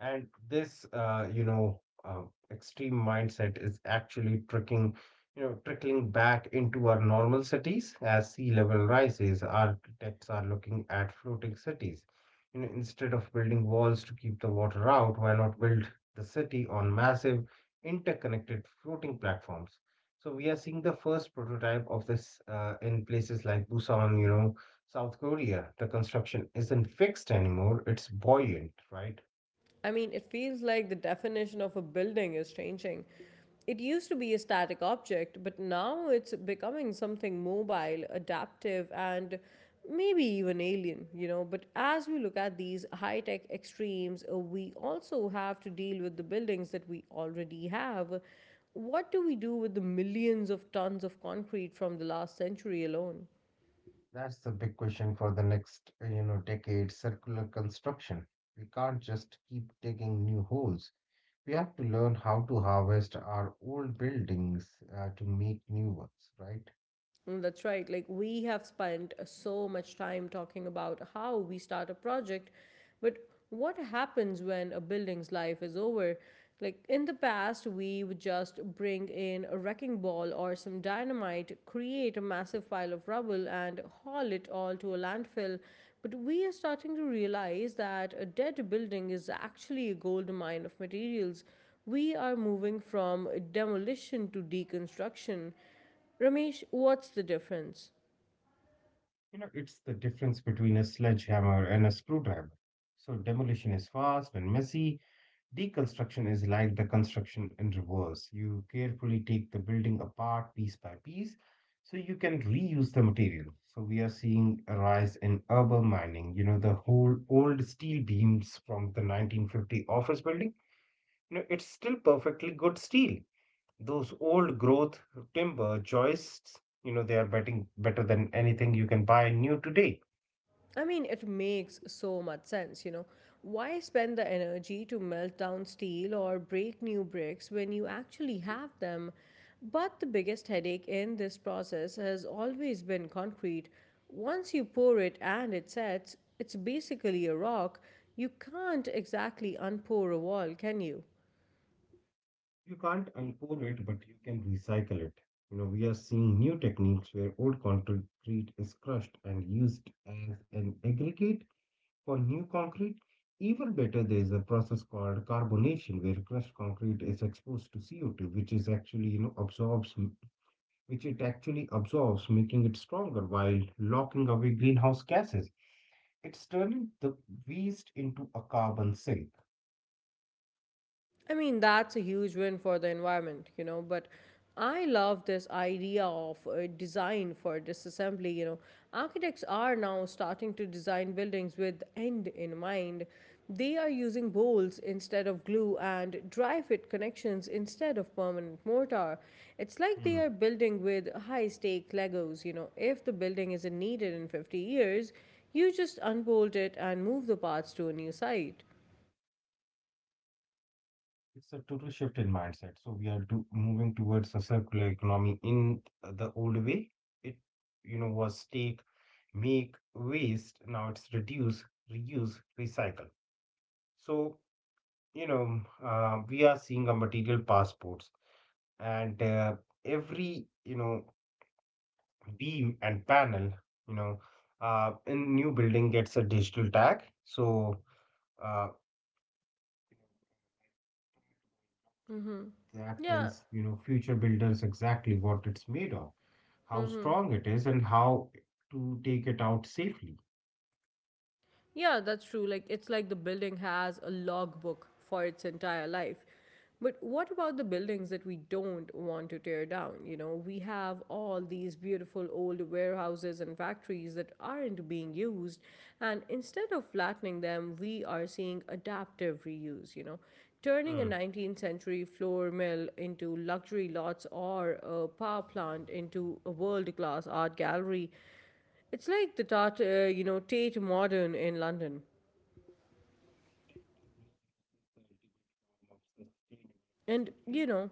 S2: And this, uh, you know, uh, extreme mindset is actually tricking, you know, trickling back into our normal cities as sea level rises. Architects are looking at floating cities. You know, instead of building walls to keep the water out, why not build the city on massive interconnected floating platforms? So we are seeing the first prototype of this uh, in places like Busan, you know, South Korea. The construction isn't fixed anymore; it's buoyant, right?
S1: I mean, it feels like the definition of a building is changing. It used to be a static object, but now it's becoming something mobile, adaptive, and maybe even alien, you know. But as we look at these high tech extremes, uh, we also have to deal with the buildings that we already have. What do we do with the millions of tons of concrete from the last century alone?
S2: That's the big question for the next, uh, you know, decade, circular construction. We can't just keep digging new holes. We have to learn how to harvest our old buildings uh, to make new ones, right?
S1: Mm, that's right. Like, we have spent uh, so much time talking about how we start a project, but what happens when a building's life is over? Like, in the past, we would just bring in a wrecking ball or some dynamite, create a massive pile of rubble, and haul it all to a landfill. But we are starting to realize that a dead building is actually a gold mine of materials. We are moving from demolition to deconstruction. Ramesh, what's the difference?
S2: You know, it's the difference between a sledgehammer and a screwdriver. So demolition is fast and messy. Deconstruction is like the construction in reverse. You carefully take the building apart piece by piece so you can reuse the material. So we are seeing a rise in urban mining. You know, the whole old steel beams from the nineteen fifty office building, you know, it's still perfectly good steel. Those old growth timber joists, you know, they are betting better than anything you can buy new today.
S1: I mean, it makes so much sense, you know. Why spend the energy to melt down steel or break new bricks when you actually have them? But the biggest headache in this process has always been concrete. Once you pour it and it sets, it's basically a rock. You can't exactly unpour a wall, can you?
S2: You can't unpour it, but you can recycle it. You know, we are seeing new techniques where old concrete is crushed and used as an aggregate for new concrete. Even better, there is a process called carbonation where crushed concrete is exposed to C O two, which is actually, you know, absorbs, which it actually absorbs, making it stronger while locking away greenhouse gases. It's turning the waste into a carbon sink.
S1: I mean, that's a huge win for the environment, you know, but I love this idea of uh, design for disassembly, you know. Architects are now starting to design buildings with end in mind. They are using bolts instead of glue and dry fit connections instead of permanent mortar. It's like they
S2: Hmm.
S1: are building with high stake Legos, you know. If the building isn't needed in fifty years, you just unbolt it and move the parts to a new site.
S2: It's a total shift in mindset. So we are do, moving towards a circular economy in the old way. It, you know, was take, make, waste. Now it's reduce, reuse, recycle. So, you know, uh, we are seeing a material passports and uh, every, you know, beam and panel, you know, uh, in new building gets a digital tag. So, uh, That
S1: Yeah,
S2: tells, you know, future builders exactly what it's made of, how strong it is, and how to take it out safely.
S1: yeah, that's true. Like, it's like the building has a logbook for its entire life. But what about the buildings that we don't want to tear down? You know, we have all these beautiful old warehouses and factories that aren't being used. And instead of flattening them, we are seeing adaptive reuse, you know, turning a
S2: Hmm.
S1: nineteenth century flour mill into luxury lots or a power plant into a world class art gallery. It's like the Tat, uh, you know, Tate Modern in London. And you know,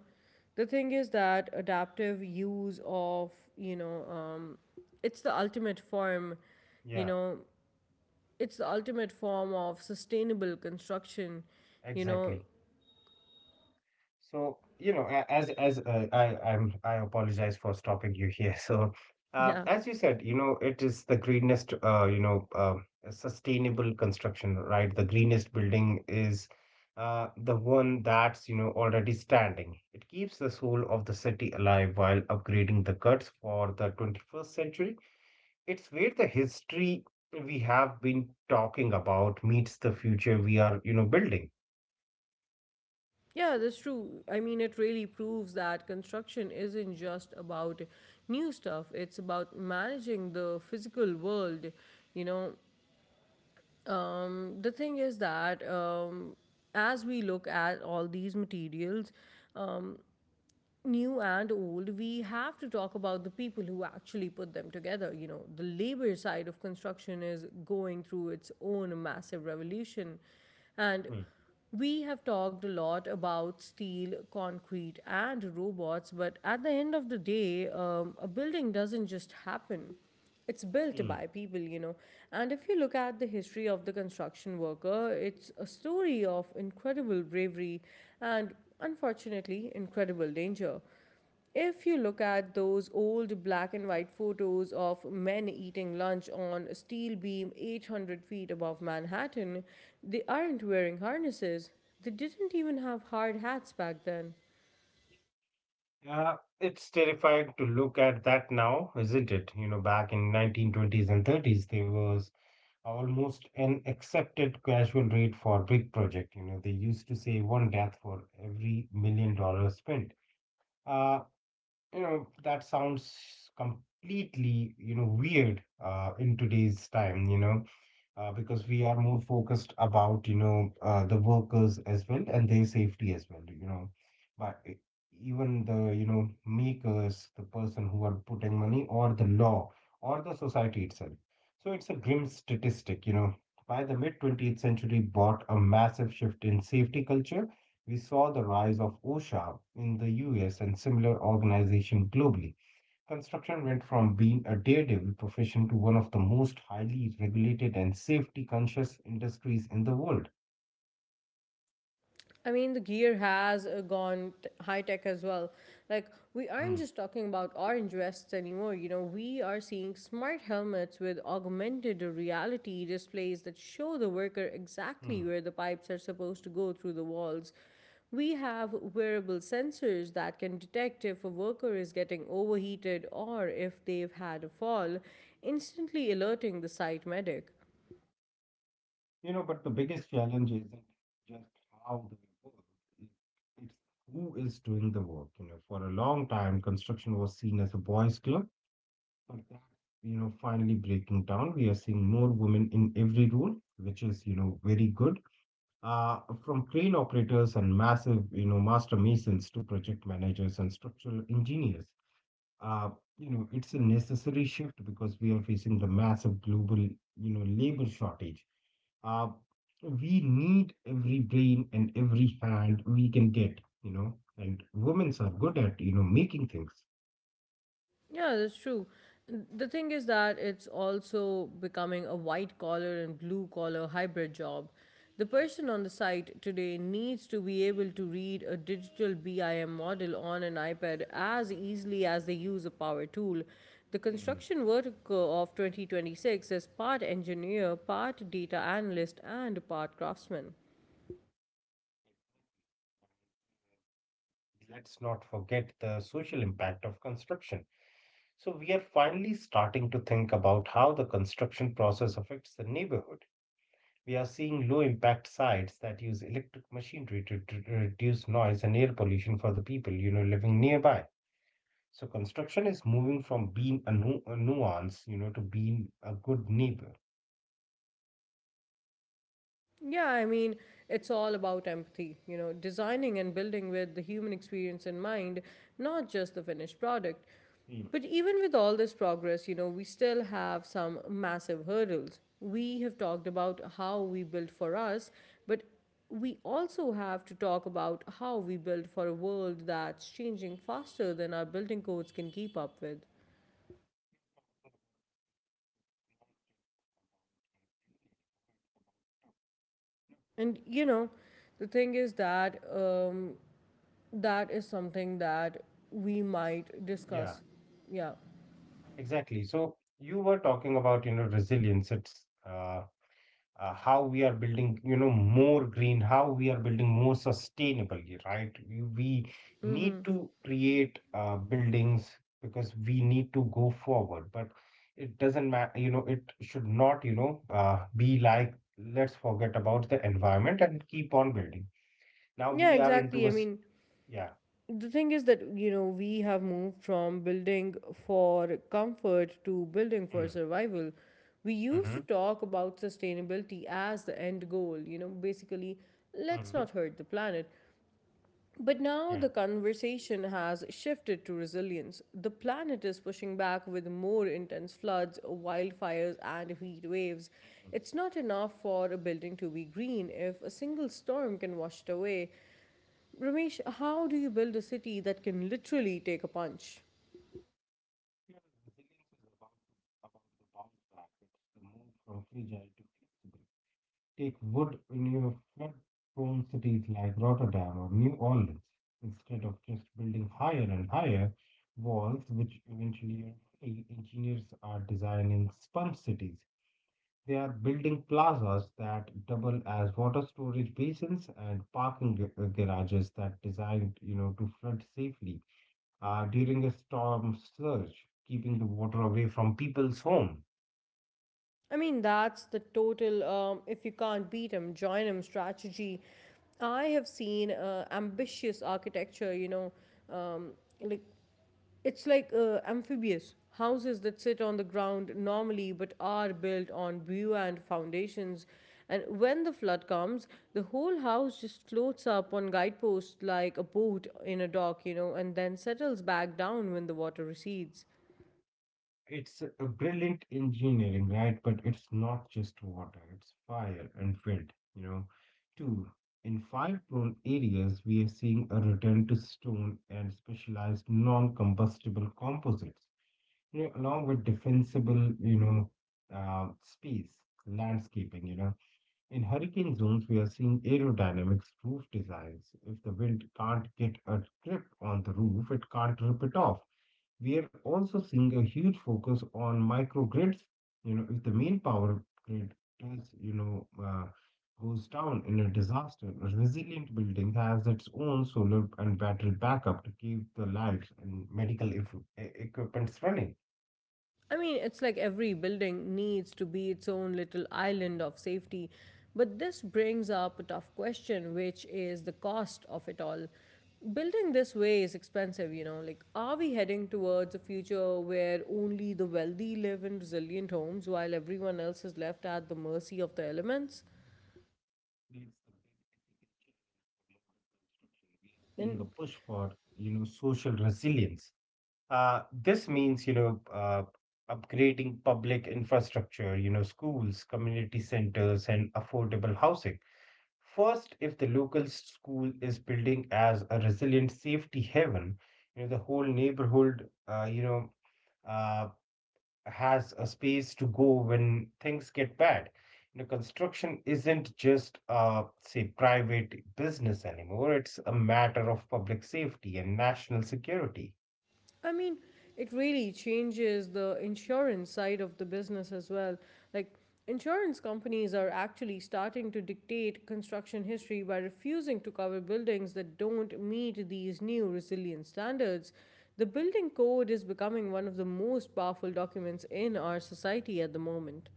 S1: the thing is that adaptive use of, you know, um, it's the ultimate form, you
S2: Yeah,
S1: know, it's the ultimate form of sustainable construction, you know.
S2: exactly. So, you know, a- as as uh, I I'm I apologize for stopping you here. So, uh,
S1: Yeah.
S2: as you said, you know, it is the greenest, uh, you know, uh, sustainable construction, right? The greenest building is uh, the one that's, you know, already standing. It keeps the soul of the city alive while upgrading the guts for the twenty-first century. It's where the history we have been talking about meets the future we are, you know, building.
S1: Yeah, that's true. I mean, it really proves that construction isn't just about new stuff, it's about managing the physical world, you know. Um, the thing is that um, as we look at all these materials, um, new and old, we have to talk about the people who actually put them together. You know, the labor side of construction is going through its own massive revolution. And
S2: Hmm.
S1: we have talked a lot about steel, concrete, and robots, but at the end of the day, um, a building doesn't just happen, it's built
S2: Hmm.
S1: by people, you know. And if you look at the history of the construction worker, it's a story of incredible bravery and, unfortunately, incredible danger. If you look at those old black and white photos of men eating lunch on a steel beam eight hundred feet above Manhattan, they aren't wearing harnesses. They didn't even have hard hats back then.
S2: Uh, it's terrifying to look at that now, isn't it? You know, back in nineteen twenties and thirties, there was almost an accepted casual rate for big project. You know, they used to say one death for every million dollars spent. Uh, you know, that sounds completely, you know, weird uh, in today's time, you know uh, because we are more focused about, you know, uh, the workers as well and their safety as well, you know. But e- even the, you know, makers, the person who are putting money, or the law, or the society itself. So it's a grim statistic, you know. By the mid twentieth century, brought a massive shift in safety culture. We saw the rise of OSHA in the U S and similar organization globally. Construction went from being a daredevil profession to one of the most highly regulated and safety conscious industries in the world.
S1: I mean, the gear has uh, gone t- high tech as well. Like, we aren't
S2: Mm,
S1: just talking about orange vests anymore. You know, we are seeing smart helmets with augmented reality displays that show the worker exactly
S2: mm.
S1: where the pipes are supposed to go through the walls. We have wearable sensors that can detect if a worker is getting overheated or if they've had a fall, instantly alerting the site medic.
S2: You know, but the biggest challenge isn't just how they work, it- it's who is doing the work. You know, for a long time, construction was seen as a boys' club, but that's, you know, finally breaking down. We are seeing more women in every role, which is, you know, very good. uh, from crane operators and massive, you know, master masons to project managers and structural engineers. Uh, you know, it's a necessary shift because we are facing the massive global, you know, labor shortage. Uh, we need every brain and every hand we can get, you know, and women's are good at, you know, making things.
S1: Yeah, that's true. N- The thing is that it's also becoming a white collar and blue collar hybrid job. The person on the site today needs to be able to read a digital B I M model on an iPad as easily as they use a power tool. The
S2: Mm, mm.
S1: construction vertical of twenty twenty-six is part engineer, part data analyst, and part craftsman.
S2: Let's not forget the social impact of construction. So we are finally starting to think about how the construction process affects the neighborhood. We are seeing low impact sites that use electric machinery to, to reduce noise and air pollution for the people, you know, living nearby. So construction is moving from being a, nu- a nuance, you know, to being a good neighbor.
S1: Yeah, I mean, it's all about empathy, you know, designing and building with the human experience in mind, not just the finished product.
S2: Hmm.
S1: But even with all this progress, you know, we still have some massive hurdles. We have talked about how we build for us, but we also have to talk about how we build for a world that's changing faster than our building codes can keep up with. And you know, the thing is that um, that is something that we might
S2: Yeah,
S1: discuss. Yeah.
S2: exactly. So you were talking about, you know, resilience. It's uh, uh, How we are building, you know, more green, how we are building more sustainable, right? You- we need to create uh, buildings because we need to go forward, but it doesn't matter, you know, it should not, you know uh, be like let's forget about the environment and keep on building. Now
S1: Yeah,
S2: we are into
S1: exactly.
S2: a
S1: I
S2: s-
S1: mean,
S2: yeah.
S1: the thing is that, you know, we have moved from building for comfort to building for
S2: Mm,
S1: survival. We used
S2: mm-hmm,
S1: to talk about sustainability as the end goal, you know, basically,
S2: mm-hmm,
S1: let's not hurt the planet. But
S2: yeah,
S1: now the conversation has shifted to resilience. The planet is pushing back with more intense floods, wildfires, and heat waves.
S2: mhm.
S1: It's not enough for a building to be green if a single storm can wash it away. Ramesh, how do you build a city that can literally take a punch?
S2: Yeah, resilience is about, about the bounce back. It's the move from fragile to flexible. Take wood in your flood-prone cities like Rotterdam or New Orleans. Instead of just building higher and higher walls, which eventually e- engineers are designing sponge cities. They are building plazas that double as water storage basins and parking ga- uh, garages that designed, you know, to flood safely uh, during a storm surge, keeping the water away from people's homes.
S1: I mean, that's the total um, if you can't beat beat join join 'em strategy. I have seen uh, ambitious architecture, you know, um, like it's like uh, amphibious houses that sit on the ground normally but are built on buoyant foundations. And when the flood comes, the whole house just floats up on guideposts like a boat in a dock, you know, and then settles back down when the water recedes.
S2: It's a brilliant engineering, right? But it's not just water, it's fire and wind, you know. Two, in fire prone areas, we are seeing a return to stone and specialized non combustible composites, you know, along with defensible, you know, uh, space landscaping, you know. In hurricane zones, we are seeing aerodynamics roof designs. If the wind can't get a grip on the roof, it can't rip it off. We are also seeing a huge focus on microgrids. You know, if the main power grid is, you know, uh, goes down in a disaster, a resilient building has its own solar and battery backup to keep the lights and medical eff- e- equipments running.
S1: I mean, it's like every building needs to be its own little island of safety. But this brings up a tough question, which is the cost of it all. Building this way is expensive, you know. Like, are we heading towards a future where only the wealthy live in resilient homes while everyone else is left at the mercy of the elements?
S2: That's the big ethical challenge for modern construction. We are seeing
S1: And
S2: a push for, you know, social resilience. Uh, this means, you know, uh, upgrading public infrastructure, you know, schools, community centers, and affordable housing. First, if the local school is building as a resilient safety haven, you know, the whole neighborhood, uh, you know, uh, has a space to go when things get bad. You know, construction isn't just a, say, private business anymore. It's a matter of public safety and national security.
S1: I mean, it really changes the insurance side of the business as well. Like, insurance companies are actually starting to dictate construction history by refusing to cover buildings that don't meet these new resilience standards. The building code is becoming one of the most powerful documents in our society at the moment.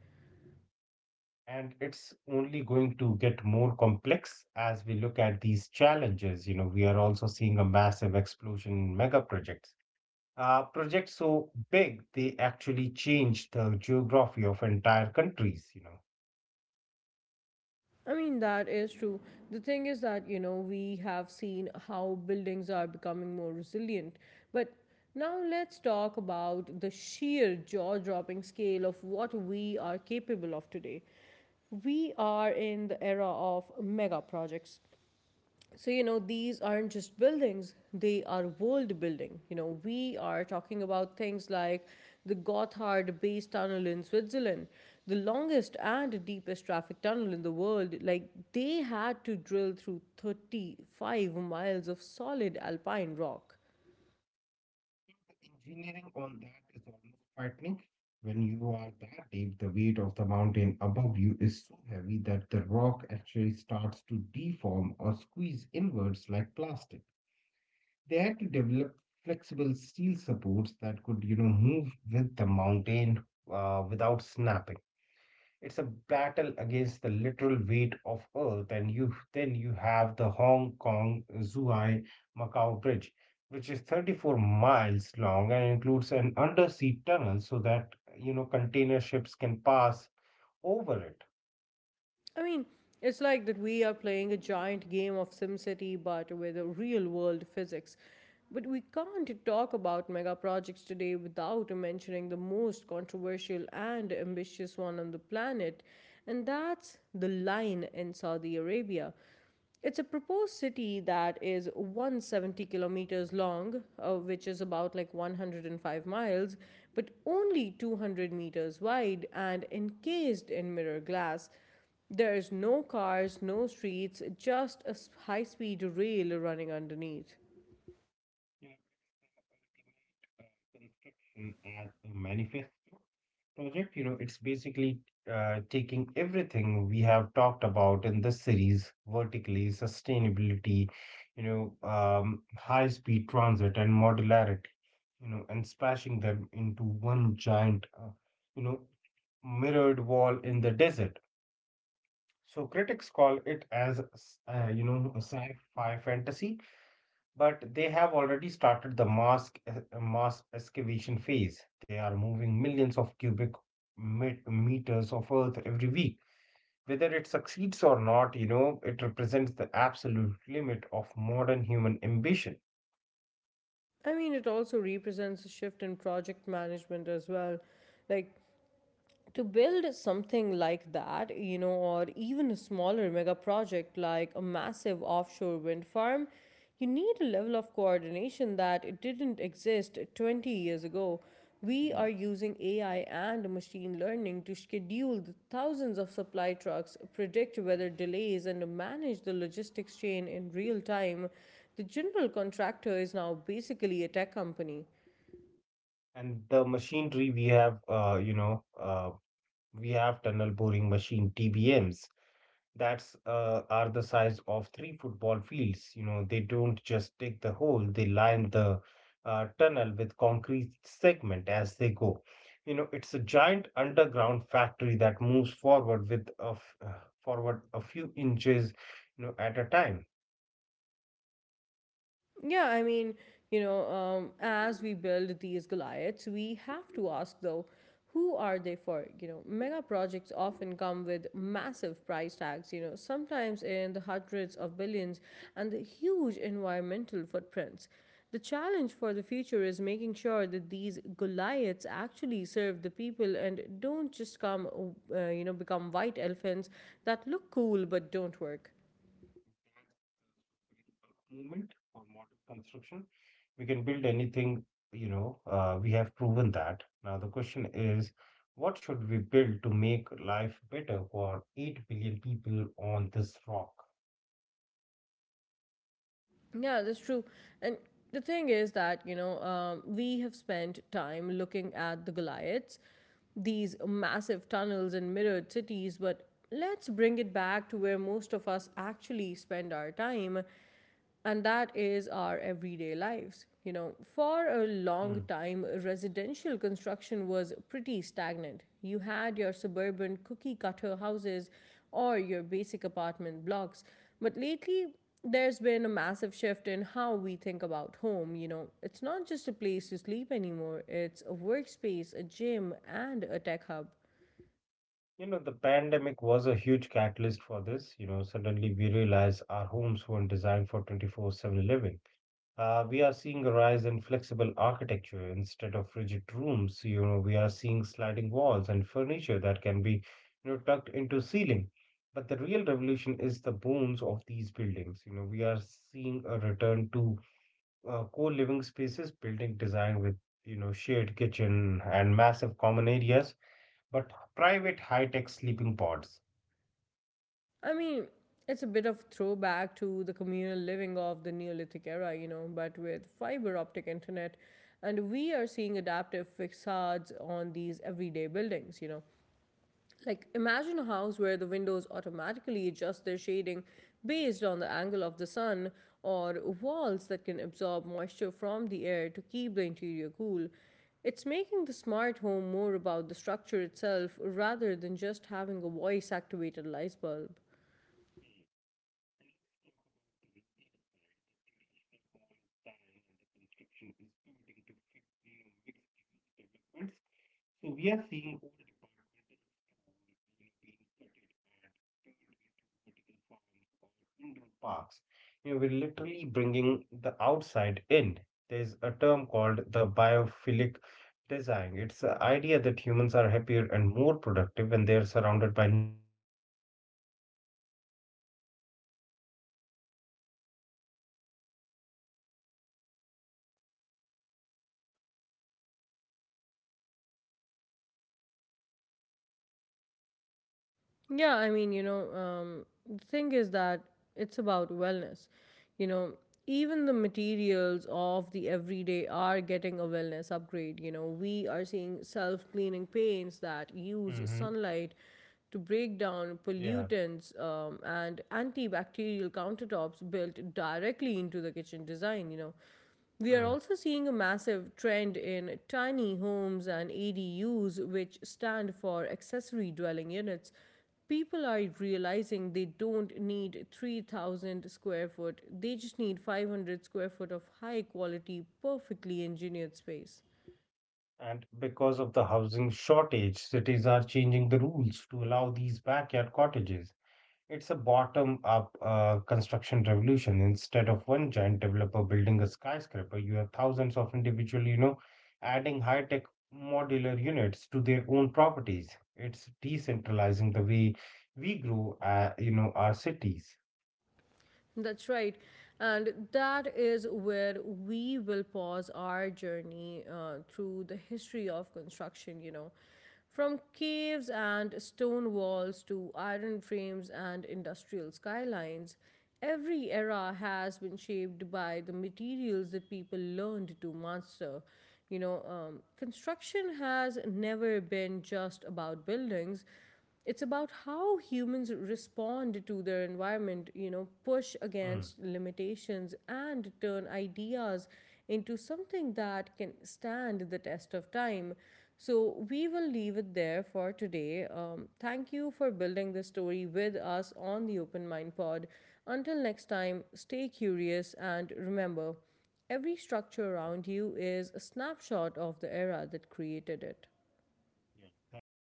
S2: And it's only going to get more complex as we look at these challenges. You know, we are also seeing a massive explosion in mega projects. Uh, projects so big they actually change the geography of entire countries. You know,
S1: I mean, that is true. The thing is that, you know, we have seen how buildings are becoming more resilient. But now let's talk about the sheer jaw dropping scale of what we are capable of today. We are in the era of mega projects, so you know these aren't just buildings, they are world building. You know, we are talking about things like the Gotthard Base Tunnel in Switzerland, the longest and deepest traffic tunnel in the world. Like, they had to drill through thirty-five miles of solid alpine rock.
S2: engineering on that is almost frightening. When you are that deep, the weight of the mountain above you is so heavy that the rock actually starts to deform or squeeze inwards like plastic. They had to develop flexible steel supports that could, you know, move with the mountain uh, without snapping. It's a battle against the literal weight of Earth, and you then you have the Hong Kong Zhuhai Macau Bridge, which is thirty-four miles long and includes an undersea tunnel so that, you know, container ships can pass over it.
S1: I mean, it's like that we are playing a giant game of SimCity, but with a real world physics. But we can't talk about mega projects today without mentioning the most controversial and ambitious one on the planet, and that's the Line in Saudi Arabia. It's a proposed city that is one hundred seventy kilometers long, uh, which is about like one hundred five miles, but only two hundred meters wide and encased in mirror glass. There's no cars, no streets, just a high speed rail running underneath.
S2: Construction as a manifest project, you know, it's basically uh, taking everything we have talked about in this series vertically, sustainability, you know, um, high speed transit and modularity, you know, and smashing them into one giant, uh, you know, mirrored wall in the desert. So critics call it as, s- uh, you know, a sci fi fantasy, but they have already started the mass mass excavation phase. They are moving millions of cubic met- meters of earth every week. Whether it succeeds or not, you know, it represents the absolute limit of modern human ambition.
S1: I mean, it also represents a shift in project management as well. Like, to build something like that, you know, or even a smaller mega project like a massive offshore wind farm, you need a level of coordination that it didn't exist twenty years ago. We
S2: Hmm.
S1: are using A I and machine learning to schedule the thousands of supply trucks, predict weather delays, and manage the logistics chain in real time. The general contractor is now basically a tech company.
S2: And the machinery we have, uh, you know, uh, we have tunnel boring machine (T B Ms) that's uh, are the size of three football fields. You know, they don't just dig the hole; they line the uh, tunnel with concrete segment as they go. You know, it's a giant underground factory that moves forward with a f- uh, forward a few inches, you know, at a time.
S1: Yeah, I mean, you know, um, as we build these Goliaths, we have to ask though, who are they for? You know, mega projects often come with massive price tags, you know, sometimes in the hundreds of billions and the huge environmental footprints. The challenge for the future is making sure that these Goliaths actually serve the people and don't just come, uh, you know, become white elephants that look cool but don't work.
S2: Movement or model construction. We can build anything, you know, uh, we have proven that. Now, the question is, what should we build to make life better for eight billion people on this rock?
S1: Yeah, that's true. And the thing is that, you know, um, we have spent time looking at the Goliaths, these massive tunnels and mirrored cities, but let's bring it back to where most of us actually spend our time, and that is our everyday lives. You know, for a
S2: Hmm.
S1: long time, residential construction was pretty stagnant. You had your suburban cookie cutter houses or your basic apartment blocks. But lately, there's been a massive shift in how we think about home. You know, it's not just a place to sleep anymore, it's a workspace, a gym, and a tech hub.
S2: You know, the pandemic was a huge catalyst for this. You know, suddenly we realized our homes weren't designed for twenty-four seven living. Uh, we are seeing a rise in flexible architecture instead of rigid rooms. You know, we are seeing sliding walls and furniture that can be, you know, tucked into ceiling. But the real revolution is the bones of these buildings. You know, we are seeing a return to uh, co-living spaces, building design with, you know, shared kitchen and massive common areas, but private high-tech sleeping pods. Modern
S1: I mean, it's a bit of throwback to the communal living of the Neolithic era, you know, but with fiber optic internet. And we are seeing adaptive facades on these everyday buildings, you know. Like, imagine a house where the windows automatically adjust their shading based on the angle of the sun, or walls that can absorb moisture from the air to keep the interior cool. It's making the smart home more about the structure itself rather than just having a voice activated light bulb.
S2: design and the construction is pivoting to fit- you know, mixed-use developments. So we are seeing old departmental stores, you know, being gutted, turned into vertical farms or indoor parks. You know, we're literally bringing the outside in. There's a term called the biophilic design. It's the idea that humans are happier and more productive when they are surrounded by nature. So we are seeing trees going in the middle of office lobbies and moss-covered walls and apartment hallways.
S1: Yeah, I mean, you know, um, the thing is that it's about wellness. You know, even the materials of the everyday are getting a wellness upgrade. You know, we are seeing self cleaning paints that use
S2: Mm-hmm.
S1: sunlight to break down
S2: Yeah.
S1: pollutants um, and antibacterial countertops built directly into the kitchen design, you know. We are also seeing a massive trend in tiny homes and A D Us, which stand for accessory dwelling units. People are realizing they don't need three thousand square foot, they just need five hundred square foot of high quality perfectly engineered space.
S2: And because of the housing shortage, cities are changing the rules to allow these backyard cottages. It's a bottom up uh, construction revolution. Instead of one giant developer building a skyscraper, you have thousands of individual, you know, adding high tech modular units to their own properties. It's decentralizing the way we grow, uh, you know, our cities.
S1: That's right. And that is where we will pause our journey uh, through the history of construction, you know. From caves and stone walls to iron frames and industrial skylines, every era has been shaped by the materials that people learned to master. You know, um, construction has never been just about buildings, it's about how humans respond to their environment, you know, push
S2: Hmm.
S1: against limitations and turn ideas into something that can stand the test of time. So we will leave it there for today. Um, thank you for building this story with us on the Open Mind Pod. Until next time, stay curious and remember every structure around you is a snapshot of the era that created it.
S2: Yeah, thank you.